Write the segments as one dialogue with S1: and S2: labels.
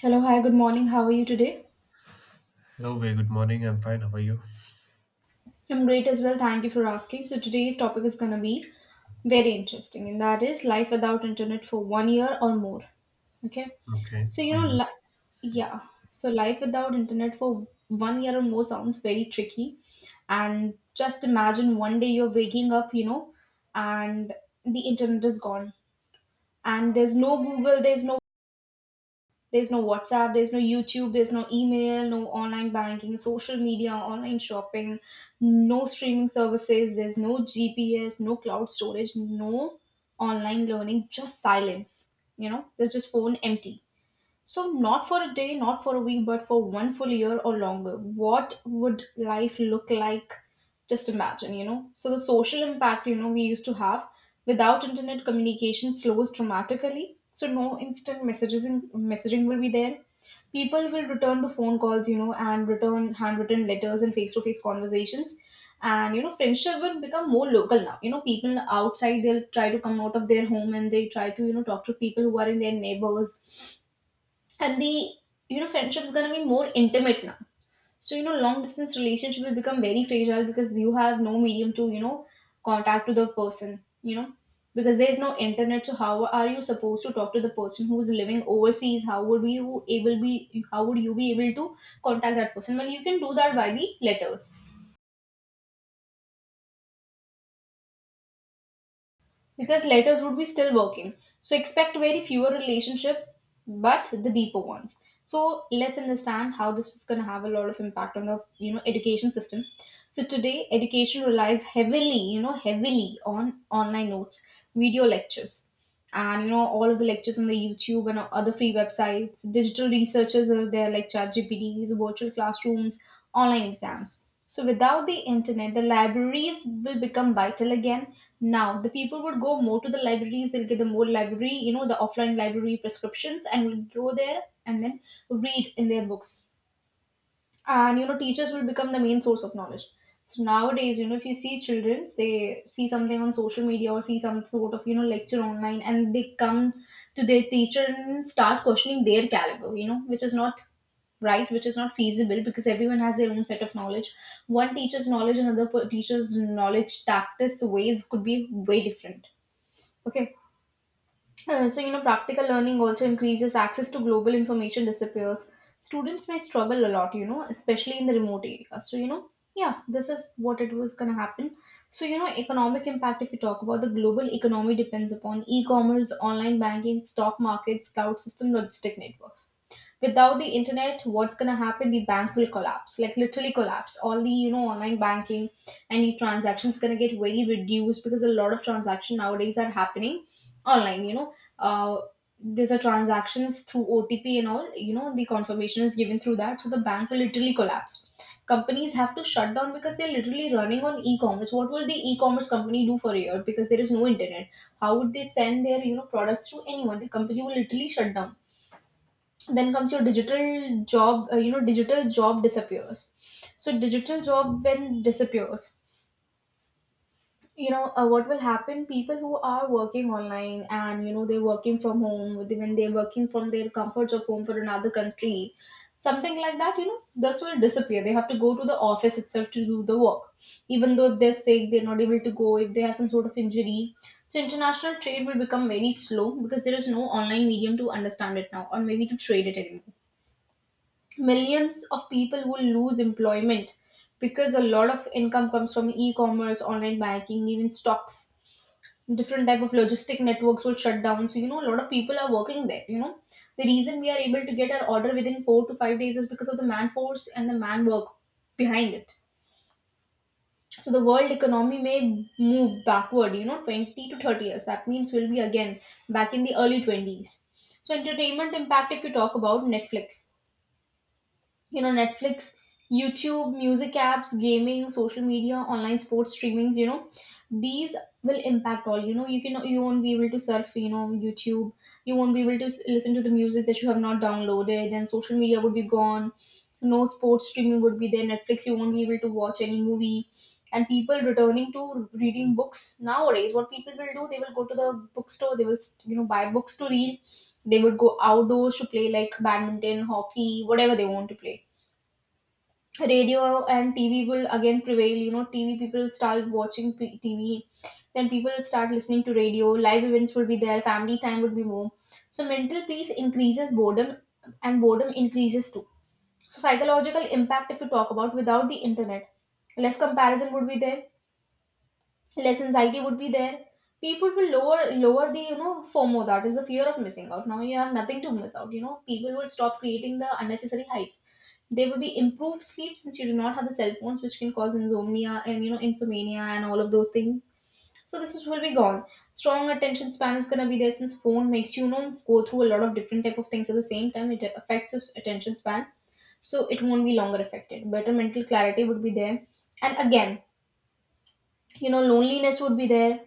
S1: Hello, hi, good morning. How are you today?
S2: Hello, very good morning. I'm fine. How are you?
S1: I'm great as well. Thank you for asking. So, today's topic is going to be very interesting, and that is life without internet for one year or more. Okay.
S2: Okay.
S1: So,
S2: Hmm.
S1: yeah. So, life without internet for one year or more sounds very tricky. And just imagine one day you're waking up, and the internet is gone. And there's no Google, there's no WhatsApp, there's no YouTube, there's no email, no online banking, social media, online shopping, no streaming services, there's no GPS, no cloud storage, no online learning, just silence. There's just phone empty. So, not for a day, not for a week, but for one full year or longer. What would life look like? Just imagine. So, the social impact, we used to have. Without internet, communication slows dramatically. So, no instant messages and messaging will be there. People will return to phone calls, and return handwritten letters and face to face conversations. And friendship will become more local now. People outside, they'll try to come out of their home and they try to, talk to people who are in their neighbors, and the friendship is going to be more intimate now. So long distance relationship will become very fragile because you have no medium to contact to the person because there's no internet. So how are you supposed to talk to the person who's living overseas? How would you able be how would you be able to contact that person? Well, you can do that by the letters, because letters would be still working. So expect very fewer relationship, but the deeper ones. So let's understand how this is going to have a lot of impact on the education system. So today, education relies heavily on online notes, video lectures, and all of the lectures on the YouTube and other free websites, digital researchers are there like chatgpts, virtual classrooms, online exams. So without the internet, the libraries will become vital again. Now the people would go more to the libraries, they'll get the more library, the offline library prescriptions, and will go there and then read in their books. And teachers will become the main source of knowledge. So nowadays, if you see children, they see something on social media or see some sort of lecture online and they come to their teacher and start questioning their caliber, which is not right, which is not feasible, because everyone has their own set of knowledge. One teacher's knowledge, another teacher's knowledge, tactics, ways could be way different. Okay. So, practical learning also increases, access to global information disappears. Students may struggle a lot, especially in the remote areas. So, yeah, this is what it was going to happen. So, economic impact, if you talk about the global economy, depends upon e commerce, online banking, stock markets, cloud system, logistic networks. Without the internet, what's going to happen? The bank will collapse, like literally collapse. All the, online banking and the transactions going to get very reduced, because a lot of transaction nowadays are happening online uh, there's a transactions through OTP and all, the confirmation is given through that. So the bank will literally collapse. Companies have to shut down because they're literally running on e-commerce. What will the e-commerce company do for a year? Because there is no internet. How would they send their, products to anyone? The company will literally shut down. Then comes your digital job, digital job disappears. So digital job when disappears, what will happen, people who are working online and they're working from home, when they're working from their comforts of home for another country, something like that, this will disappear, they have to go to the office itself to do the work, even though if they're sick they're not able to go, if they have some sort of injury. So international trade will become very slow because there is no online medium to understand it now or maybe to trade it anymore. Millions of people will lose employment because a lot of income comes from e-commerce, online banking, even stocks. Different type of logistic networks will shut down, so a lot of people are working there the reason we are able to get our order within 4 to 5 days is because of the man force and the man work behind it. So the world economy may move backward, 20 to 30 years, that means we'll be again back in the early 20s. So entertainment impact, if you talk about Netflix, YouTube, music apps, gaming, social media, online sports streamings, these will impact all. You won't be able to surf YouTube, you won't be able to listen to the music that you have not downloaded, and social media would be gone, no sports streaming would be there, Netflix you won't be able to watch any movie. And people returning to reading books nowadays, what people will do, they will go to the bookstore, they will buy books to read. They would go outdoors to play like badminton, hockey, whatever they want to play. Radio and TV will again prevail. TV people start watching TV, then people start listening to radio. Live events will be there. Family time would be more. So mental peace increases boredom, and boredom increases too. So psychological impact, if you talk about without the internet, less comparison would be there, less anxiety would be there. People will lower the FOMO, that is the fear of missing out. Now you have nothing to miss out. People will stop creating the unnecessary hype. There would be improved sleep since you do not have the cell phones which can cause insomnia, and insomnia and all of those things, so this is, will be gone. Strong attention span is going to be there, since phone makes you, you know go through a lot of different type of things at the same time, it affects your attention span. So it won't be longer affected, better mental clarity would be there. And again, loneliness would be there,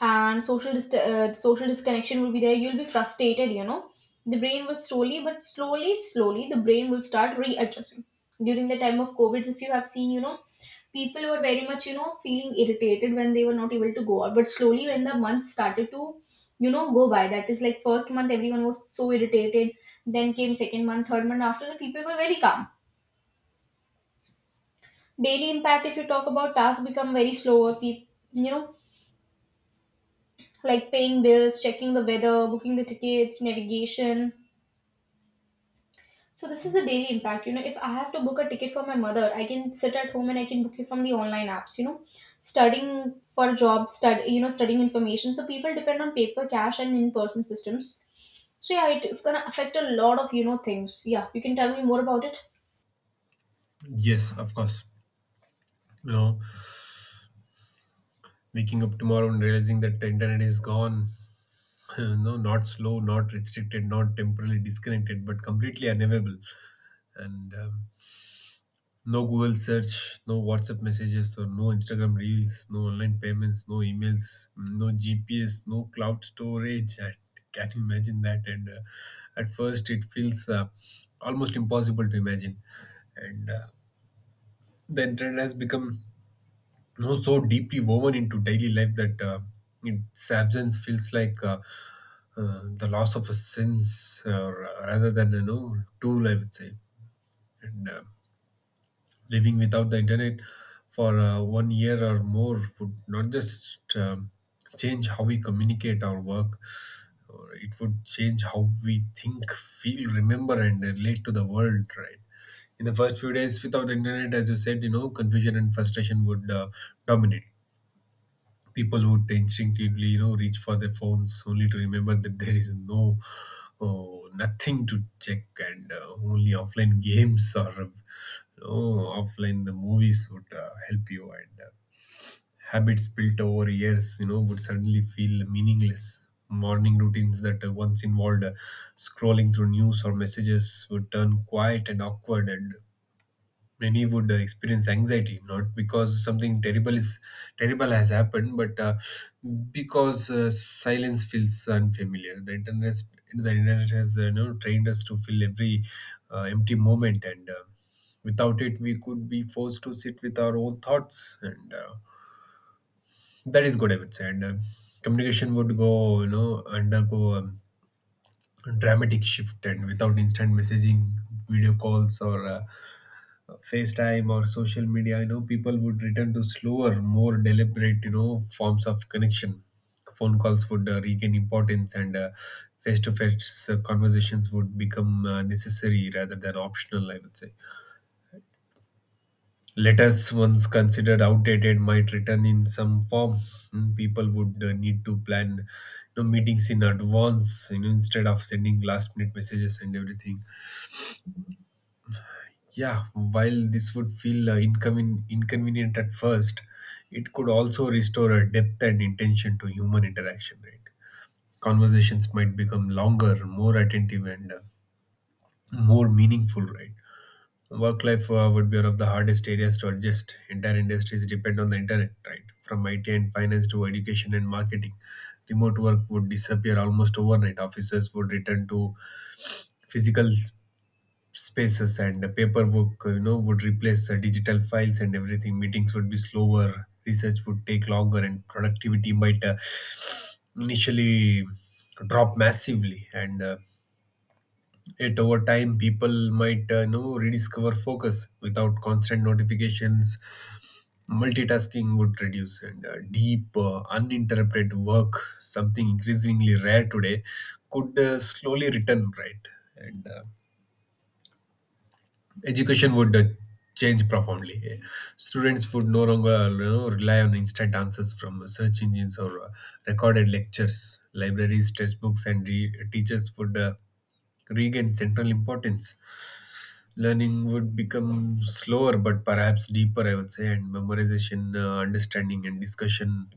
S1: and social disconnection will be there, you'll be frustrated the brain will slowly but slowly slowly the brain will start readjusting. During the time of COVID, if you have seen people were very much feeling irritated when they were not able to go out, but slowly when the month started to go by, that is like first month everyone was so irritated, then came second month, third month, after that, people were very calm. Daily impact, if you talk about, tasks become very slower, people you know like paying bills, checking the weather, booking the tickets, navigation. So this is the daily impact. If I have to book a ticket for my mother, I can sit at home and I can book it from the online apps. Studying for a job, studying information. So people depend on paper, cash, and in-person systems. So yeah, it's gonna affect a lot of things. Yeah, you can tell me more about it.
S2: Yes, of course. You know, waking up tomorrow and realizing that the internet is gone. No, not slow, not restricted, not temporarily disconnected, but completely unavailable. And no Google search, no WhatsApp messages, or no Instagram reels, no online payments, no emails, no GPS, no cloud storage. I can not imagine that. And At first, it feels almost impossible to imagine, and the internet has become, you know, so deeply woven into daily life that its absence feels like the loss of a sense, rather than, you know, tool, I would say. And Living without the internet for 1 year or more would not just change how we communicate or work, or it would change how we think, feel, remember, and relate to the world, right? In the first few days without internet, as you said, you know, confusion and frustration would dominate. People would instinctively, you know, reach for their phones only to remember that there is no oh, nothing to check, and only offline games, or, you know, offline movies would help you. And habits built over years, you know, would suddenly feel meaningless. Morning routines that once involved scrolling through news or messages would turn quiet and awkward. And many would experience anxiety, not because something terrible is terrible has happened, but because silence feels unfamiliar. The internet has, you know, trained us to fill every empty moment, and without it we could be forced to sit with our own thoughts, and that is good, I would say. And communication would go you know undergo dramatic shift. And without instant messaging, video calls, or FaceTime, or social media, you know, people would return to slower, more deliberate, you know, forms of connection. Phone calls would regain importance, and face-to-face conversations would become necessary rather than optional, I would say. Letters once considered outdated might return in some form. Mm, people would need to plan, you know, meetings in advance, you know, instead of sending last minute messages and everything. Yeah, while this would feel inconvenient at first, it could also restore a depth and intention to human interaction, right? Conversations might become longer, more attentive, and more meaningful, right? Work life would be one of the hardest areas to adjust. Entire industries depend on the internet, right? From IT and finance to education and marketing. Remote work would disappear almost overnight. Offices would return to physical spaces, and the paperwork, you know, would replace digital files and everything. Meetings would be slower, research would take longer, and productivity might initially drop massively, and yet over time people might, you know, rediscover focus without constant notifications. Multitasking would reduce, and deep, uninterrupted work, something increasingly rare today, could slowly return, right? And education would change profoundly. Students would no longer, you know, rely on instant answers from search engines or recorded lectures. Libraries, textbooks, and teachers would regain central importance. Learning would become slower, but perhaps deeper, I would say, and memorization, understanding, and discussion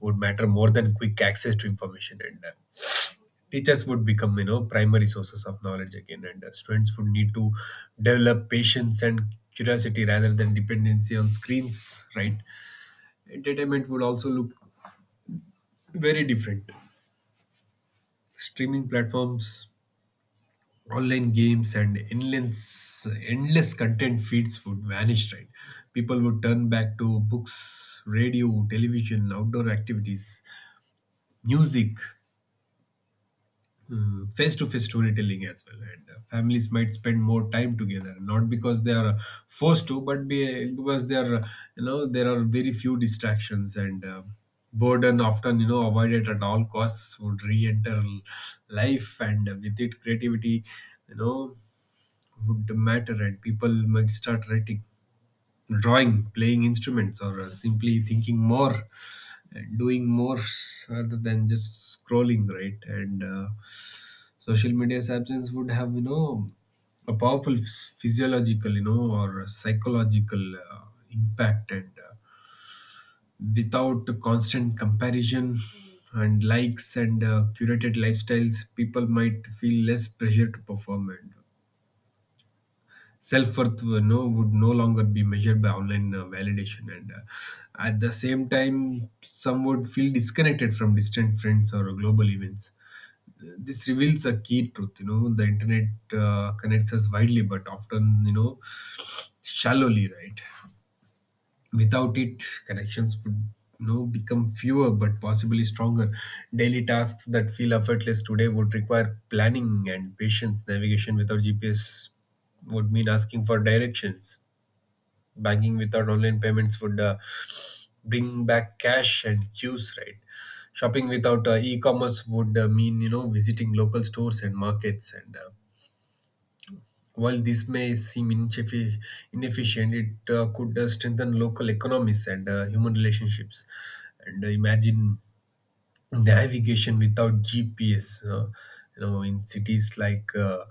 S2: would matter more than quick access to information. And teachers would become, you know, primary sources of knowledge again, and students would need to develop patience and curiosity rather than dependency on screens, right? Entertainment would also look very different. Streaming platforms, online games, and endless endless content feeds would vanish, right? People would turn back to books, radio, television, outdoor activities, music. Mm, face-to-face storytelling as well. And families might spend more time together, not because they are forced to, but because they are, you know, there are very few distractions. And boredom, often, you know, avoided at all costs, would re-enter life, and with it creativity, you know, would matter. And people might start writing, drawing, playing instruments, or simply thinking more and doing more rather than just scrolling, right? And social media's absence would have, you know, a powerful physiological, you know, or psychological impact. And without constant comparison and likes and curated lifestyles, people might feel less pressure to perform. And self worth would no longer be measured by online validation, and at the same time, some would feel disconnected from distant friends or global events. This reveals a key truth, you know: the internet connects us widely but often, you know, shallowly, right? Without it, connections would, you know, become fewer but possibly stronger. Daily tasks that feel effortless today would require planning and patience. Navigation without GPS would mean asking for directions. Banking without online payments would bring back cash and queues, right? Shopping without e-commerce would mean, you know, visiting local stores and markets, and while this may seem inefficient, it could strengthen local economies and human relationships. And imagine navigation without GPS. You know, in cities like uh,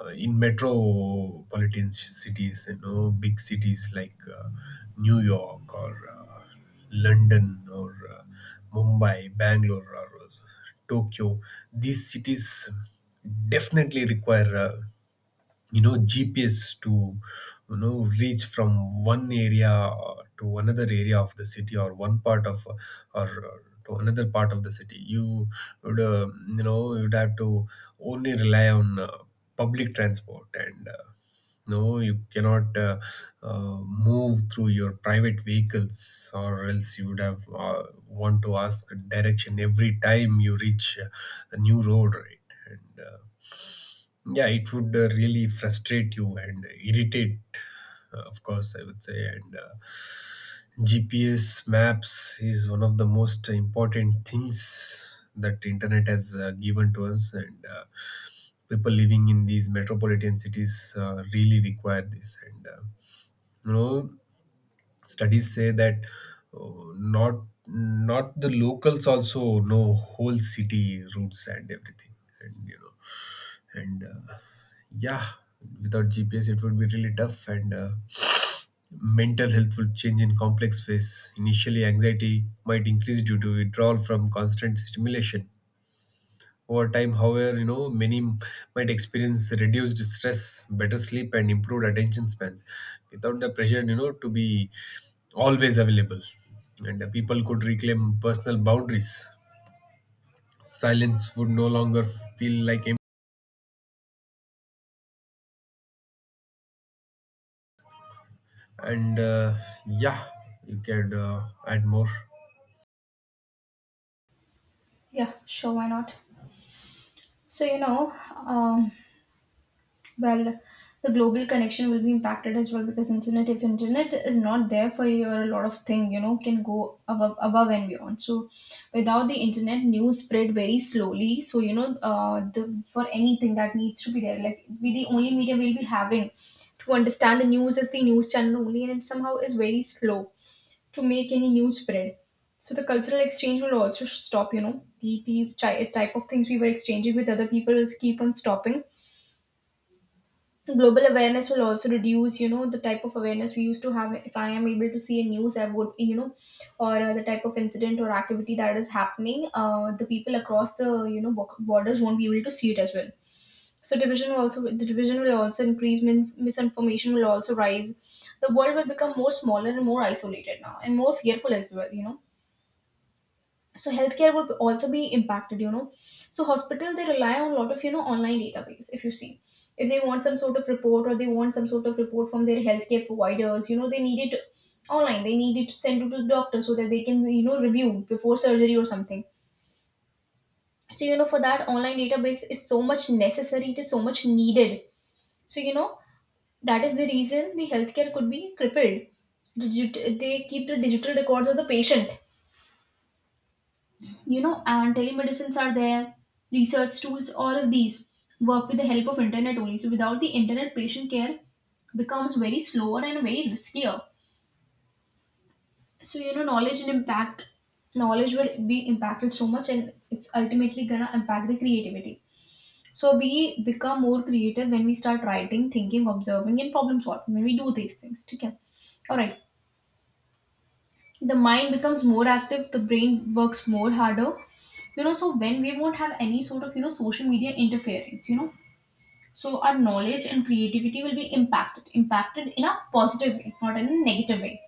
S2: uh, in metropolitan cities, you know, big cities like New York, or London, or Mumbai, Bangalore, or Tokyo. These cities definitely require. You know, GPS to, you know, reach from one area to another area of the city, or one part of, or to another part of the city. You would, you know, you'd have to only rely on public transport, and no, you cannot move through your private vehicles, or else you would have want to ask direction every time you reach a new road, right? And yeah, it would really frustrate you and irritate, of course, I would say, and GPS maps is one of the most important things that internet has given to us, and people living in these metropolitan cities really require this, and you know, studies say that uh, not not the locals also know whole city routes and everything, and you know and yeah, without GPS it would be really tough, and mental health will change in complex ways. Initially, anxiety might increase due to withdrawal from constant stimulation. Over time, however, you know, many might experience reduced stress, better sleep, and improved attention spans. Without the pressure, you know, to be always available, and people could reclaim personal boundaries. Silence would no longer feel like, and yeah, you can add more.
S1: Yeah, sure, why not? So um, well, the global connection will be impacted as well, because internet, if internet is not there for you, or a lot of thing can go above and beyond. So, without the internet, news spread very slowly. So, the for anything that needs to be there, like we the only media we'll be having to understand the news is the news channel only, and it somehow is very slow to make any news spread. So the cultural exchange will also stop. Type of things we were exchanging with other people is keep on stopping. Global awareness will also reduce. The type of awareness we used to have, if I am able to see a news, I would or the type of incident or activity that is happening, the people across the borders won't be able to see it as well. So division will also the division will also increase. Misinformation will also rise. The world will become more smaller and more isolated now, and more fearful as well. So healthcare would also be impacted. So hospital, they rely on a lot of online database. If you see, if they want some sort of report, or they want some sort of report from their healthcare providers, they need it online, they need it to send it to the doctor so that they can review before surgery or something. So for that, online database is so much necessary, it is so much needed. So that is the reason the healthcare could be crippled. They keep the digital records of the patient, and telemedicines are there, research tools, all of these work with the help of internet only. So without the internet, patient care becomes very slower and very riskier. So knowledge and impact knowledge will be impacted so much, and it's ultimately gonna impact the creativity. So we become more creative when we start writing, thinking, observing, and problem solving. When we do these things, okay, all right, the mind becomes more active, the brain works more harder. You know, so when we won't have any sort of social media interference, so our knowledge and creativity will be impacted in a positive way, not in a negative way.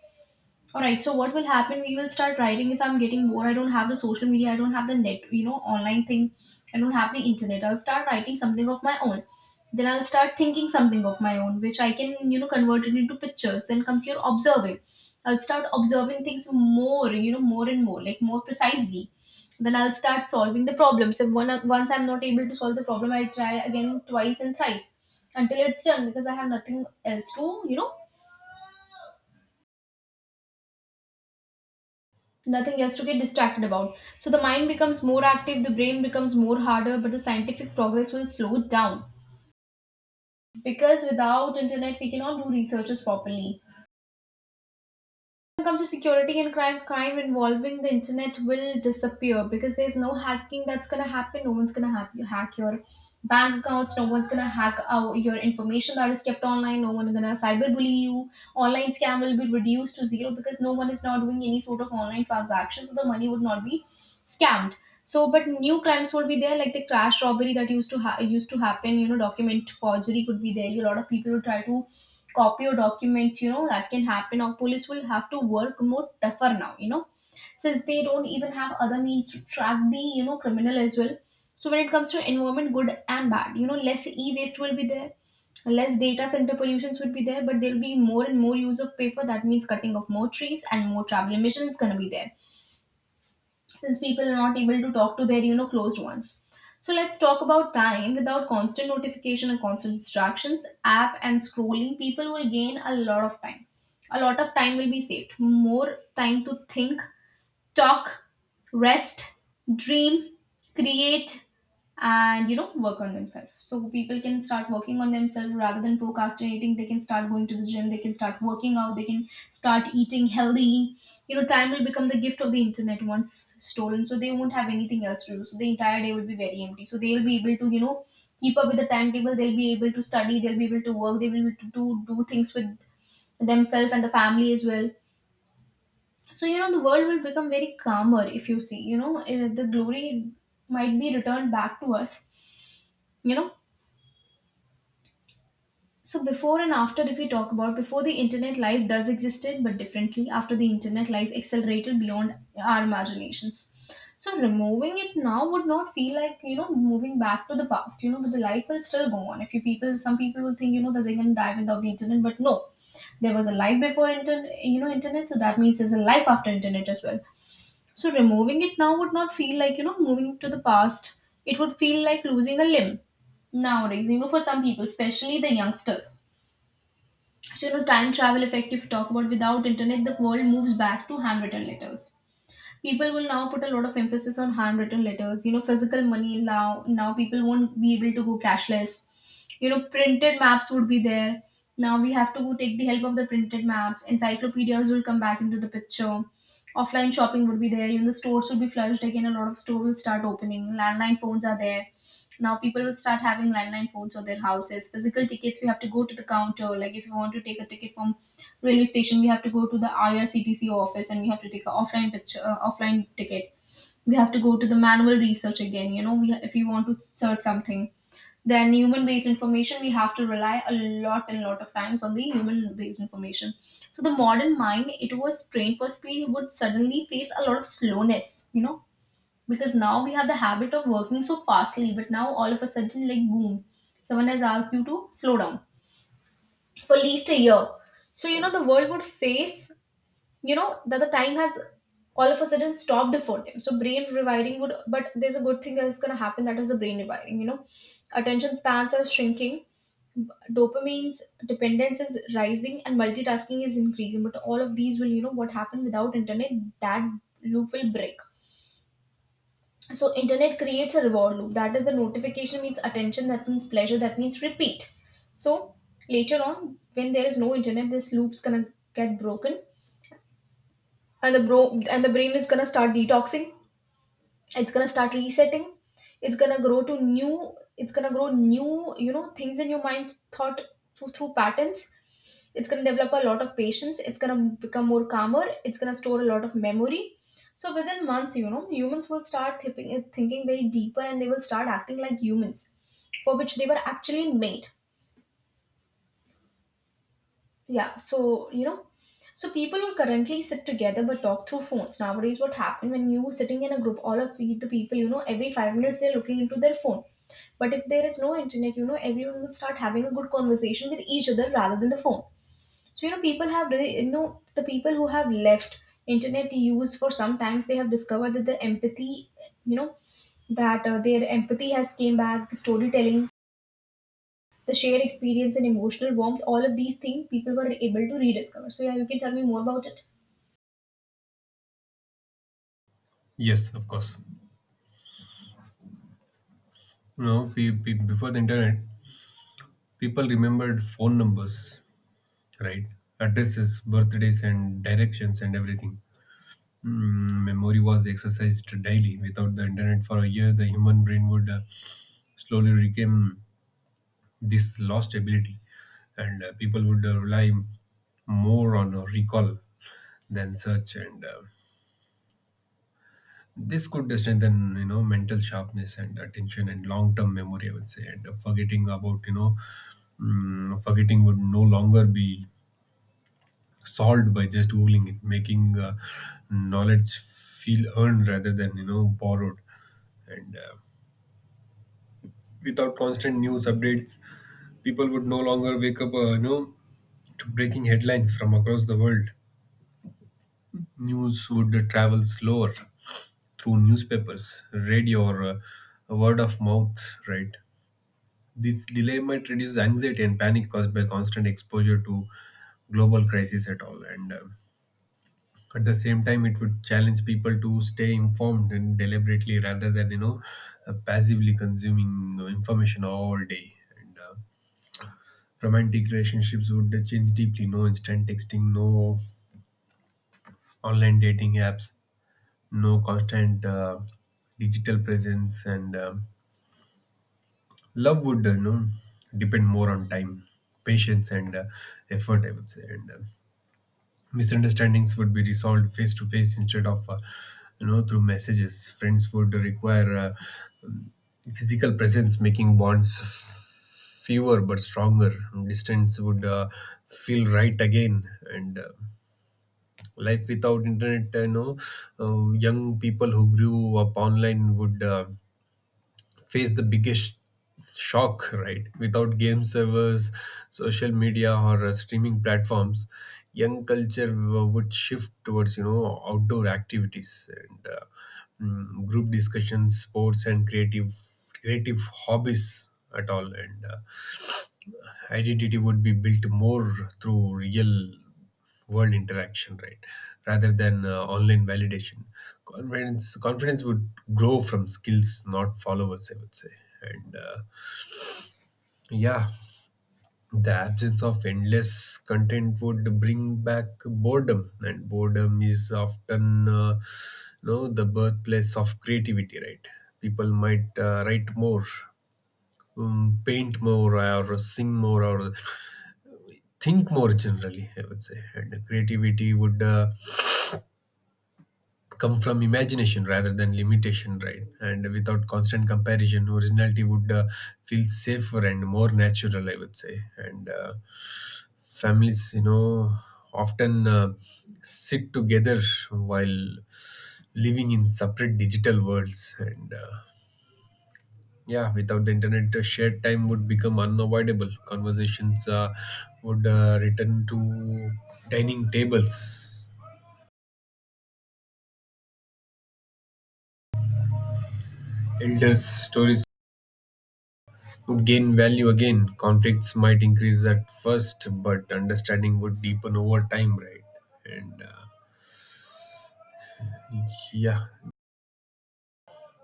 S1: All right. So what will happen? We will start writing. If I'm getting bored, I don't have the social media. I don't have the net. You know, online thing. I don't have the internet. I'll start writing something of my own. Then I'll start thinking something of my own, which I can convert it into pictures. Then comes your observing. I'll start observing things more. You know, more and more, like more precisely. Then I'll start solving the problems. If one once I'm not able to solve the problem, I try again twice and thrice until it's done, because I have nothing else to nothing else to get distracted about. So the mind becomes more active, the brain becomes more harder, but the scientific progress will slow down. Because without internet, we cannot do researches properly. When it comes to security and crime, crime involving the internet will disappear because there's no hacking that's gonna happen. No one's gonna hack your bank accounts. No one's gonna your information that is kept online. No one's gonna cyberbully you. Online scam will be reduced to zero because no one is not doing any sort of online transactions, so the money would not be scammed. So, but new crimes will be there, like the crash robbery that used to happen. You know, document forgery could be there. A lot of people would try to copy your documents, that can happen. Or police will have to work more tougher now, since they don't even have other means to track the criminal as well. So when it comes to environment, good and bad, less e-waste will be there, less data center pollutions would be there, but there'll be more and more use of paper. That means cutting of more trees, and more travel emissions going to be there since people are not able to talk to their closed ones. So let's talk about time. Without constant notification and constant distractions, app and scrolling, people will gain a lot of time. A lot of time will be saved. More time to think, talk, rest, dream, create, and you know, work on themselves. So people can start working on themselves rather than procrastinating. They can start going to the gym, they can start working out, they can start eating healthy. You know, time will become the gift of the internet once stolen. So they won't have anything else to do. So the entire day will be very empty. So they will be able to, you know, keep up with the timetable, they'll be able to study, they'll be able to work, they will be able to do things with themselves and the family as well. So the world will become very calmer. If you see, the glory might be returned back to us. you know so before and after, if we talk about before the internet, life does existed but differently. After the internet, life accelerated beyond our imaginations. So removing it now would not feel like, moving back to the past, but the life will still go on. If you people, some people will think, that they can die without the internet, but no, there was a life before internet, so that means there's a life after internet as well. So removing it now would not feel like, you know, moving to the past. It would feel like losing a limb nowadays, you know, for some people, especially the youngsters. So, you know, time travel effect, if you talk about without internet, the world moves back to handwritten letters. People will now put a lot of emphasis on handwritten letters, physical money. Now people won't be able to go cashless, printed maps would be there. Now we have to go take the help of the printed maps. Encyclopedias will come back into the picture. Offline shopping would be there. The stores would be flushed again, a lot of stores will start opening. Landline phones are there. Now people will start having landline phones on their houses. Physical tickets, we have to go to the counter. Like if you want to take a ticket from railway station, we have to go to the IRCTC office, and we have to take an offline picture offline ticket. We have to go to the manual research again. We, if we want to search something, then human based information, we have to rely a lot and lot of times on the human based information. So the modern mind, it was trained for speed, would suddenly face a lot of slowness, because now we have the habit of working so fastly. But now all of a sudden, like boom, someone has asked you to slow down for at least a year. So the world would face, that the time has all of a sudden stopped for them. So brain rewiring would but there's a good thing that is going to happen, that is the brain rewiring. Attention spans are shrinking, dopamine's dependence is rising, and multitasking is increasing. But all of these will, what happen without internet, that loop will break. So internet creates a reward loop, that is the notification means attention, that means pleasure, that means repeat. So later on, when there is no internet, this loop's gonna get broken, and the bro and the brain is gonna start detoxing, it's gonna start resetting. It's gonna grow new, things in your mind, thought through patterns. It's gonna develop a lot of patience, it's gonna become more calmer, it's gonna store a lot of memory. So within months, humans will start thinking very deeper, and they will start acting like humans for which they were actually made. Yeah, so you know, so people who currently sit together but talk through phones. Nowadays, what happened when you sitting in a group, all of the people, you know, every 5 minutes they're looking into their phone. But if there is no internet, you know, everyone will start having a good conversation with each other rather than the phone. So you know, people have really, you know, the people who have left internet use for some times, they have discovered that the empathy, you know, that their empathy has came back, the storytelling, the shared experience and emotional warmth, all of these things people were able to rediscover. So yeah, you can tell me more about it.
S2: Yes, of course. You know, before the internet, people remembered phone numbers, right? Addresses, birthdays, and directions, and everything. Mm, memory was exercised daily. Without the internet for a year, the human brain would slowly regain this lost ability, and people would rely more on recall than search, and this could strengthen, you know, mental sharpness and attention and long-term memory, I would say. And forgetting about, you know, mm, forgetting would no longer be solved by just googling it, making knowledge feel earned rather than, you know, borrowed. And without constant news updates, people would no longer wake up, you know, to breaking headlines from across the world. News would travel slower through newspapers, radio, or word of mouth, right? This delay might reduce anxiety and panic caused by constant exposure to global crises at all. And at the same time, it would challenge people to stay informed and deliberately rather than, you know, passively consuming, you know, information all day. And romantic relationships would change deeply. No instant texting, no online dating apps, no constant digital presence, and love would, you know, depend more on time, patience, and effort, I would say, and misunderstandings would be resolved face to face instead of, you know, through messages. Friends would require physical presence, making bonds fewer but stronger. Distance would feel right again, and life without internet, you know, young people who grew up online would face the biggest shock, right? Without game servers, social media, or streaming platforms, young culture would shift towards, you know, outdoor activities, and mm, group discussions, sports, and creative creative hobbies at all. And identity would be built more through real world interaction, right, rather than online validation. Confidence would grow from skills, not followers, I would say, and yeah, the absence of endless content would bring back boredom, and boredom is often, you know, the birthplace of creativity, right? People might write more, paint more, or sing more, or think more generally, I would say. And creativity would come from imagination rather than limitation, right? And without constant comparison, originality would feel safer and more natural, I would say, and families, you know, often sit together while living in separate digital worlds, and yeah, without the internet, shared time would become unavoidable. Conversations would return to dining tables. Elders' stories would gain value again. Conflicts might increase at first, but understanding would deepen over time, right? And yeah,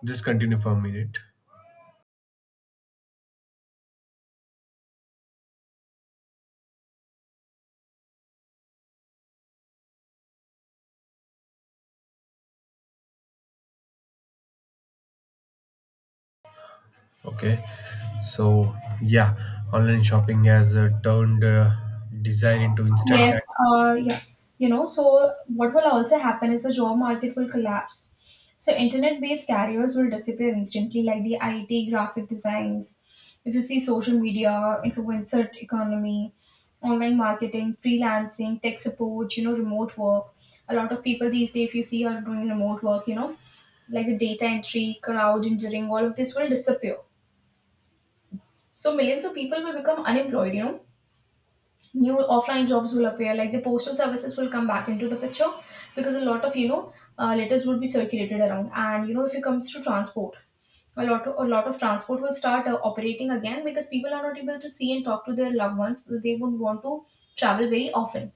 S2: just continue for a minute. Okay, so yeah, online shopping has turned desire into instant
S1: Yes,
S2: act.
S1: yeah. You know, so what will also happen is the job market will collapse. So internet-based careers will disappear instantly, like the IT, graphic designs. If you see, social media, influencer economy, online marketing, freelancing, tech support, you know, remote work. A lot of people these days, if you see, are doing remote work. You know, like the data entry, crowd engineering, all of this will disappear. So millions of people will become unemployed, you know. New offline jobs will appear, like the postal services will come back into the picture because a lot of, you know, letters would be circulated around. And, you know, if it comes to transport, a lot of transport will start operating again, because people are not able to see and talk to their loved ones. So they would want to travel very often.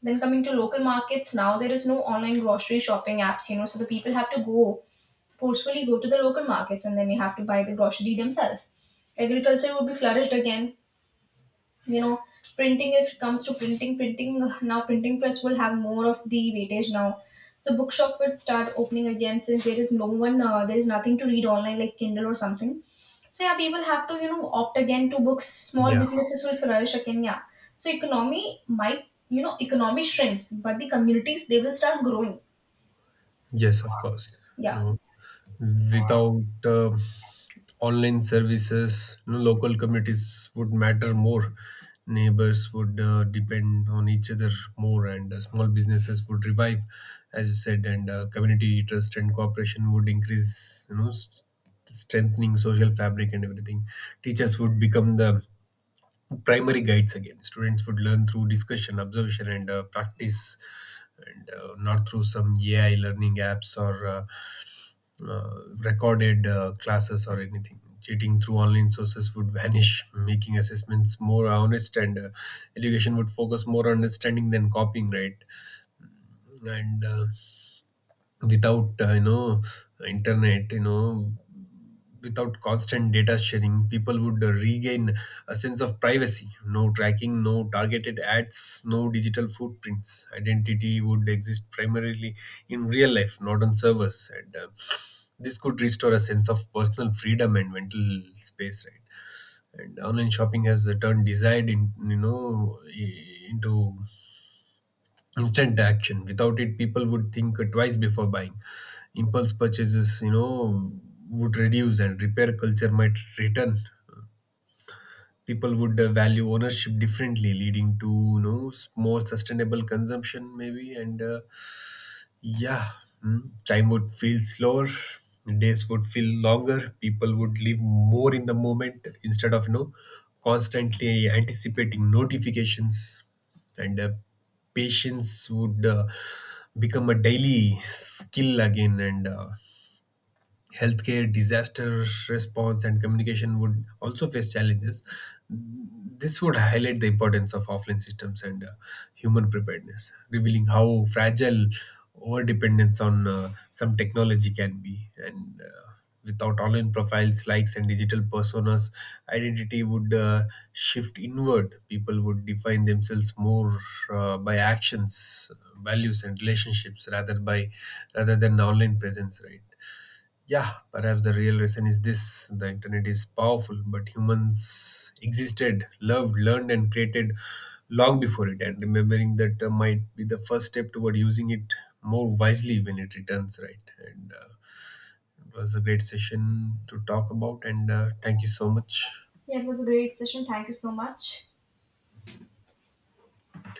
S1: Then coming to local markets, now there is no online grocery shopping apps, you know, so the people have to go forcefully go to the local markets, and then you have to buy the grocery themselves. Agriculture would be flourished again. you know Printing, if it comes to printing, now printing press will have more of the weightage now. So bookshop would start opening again, since there is no one, there is nothing to read online like Kindle or something. So yeah, people have to, you know, opt again to books. Small
S2: Yeah,
S1: businesses will flourish again, yeah. So economy might, you know, economy shrinks, but the communities, they will start growing.
S2: yes, of course.
S1: Yeah,
S2: No. Without online services, you know, local communities would matter more. Neighbors would depend on each other more, and small businesses would revive, as you said, and community trust and cooperation would increase, you know, strengthening social fabric and everything. Teachers would become the primary guides again. Students would learn through discussion, observation, and practice, and not through some AI learning apps or recorded classes or anything. Cheating through online sources would vanish, making assessments more honest, and education would focus more on understanding than copying, right? And without you know internet you know without constant data sharing, people would regain a sense of privacy. No tracking, no targeted ads, no digital footprints. Identity would exist primarily in real life, not on servers, and this could restore a sense of personal freedom and mental space, right? And online shopping has turned desire in you know I- into instant action. Without it, people would think twice before buying. Impulse purchases, you know, would reduce, and repair culture might return. People would value ownership differently, leading to, you know, more sustainable consumption, maybe, and yeah, mm, time would feel slower. Days would feel longer. People would live more in the moment instead of, you know, constantly anticipating notifications, and patience would become a daily skill again, and healthcare, disaster response, and communication would also face challenges. This would highlight the importance of offline systems, and human preparedness, revealing how fragile over dependence on some technology can be. And without online profiles, likes, and digital personas, identity would shift inward. People would define themselves more by actions, values, and relationships rather than online presence, right? Yeah, perhaps the real reason is this: the internet is powerful, but humans existed, loved, learned, and created long before it. And remembering that might be the first step toward using it more wisely when it returns, right? And it was a great session to talk about, and thank you so much.
S1: yeah, it was a great session, thank you so much.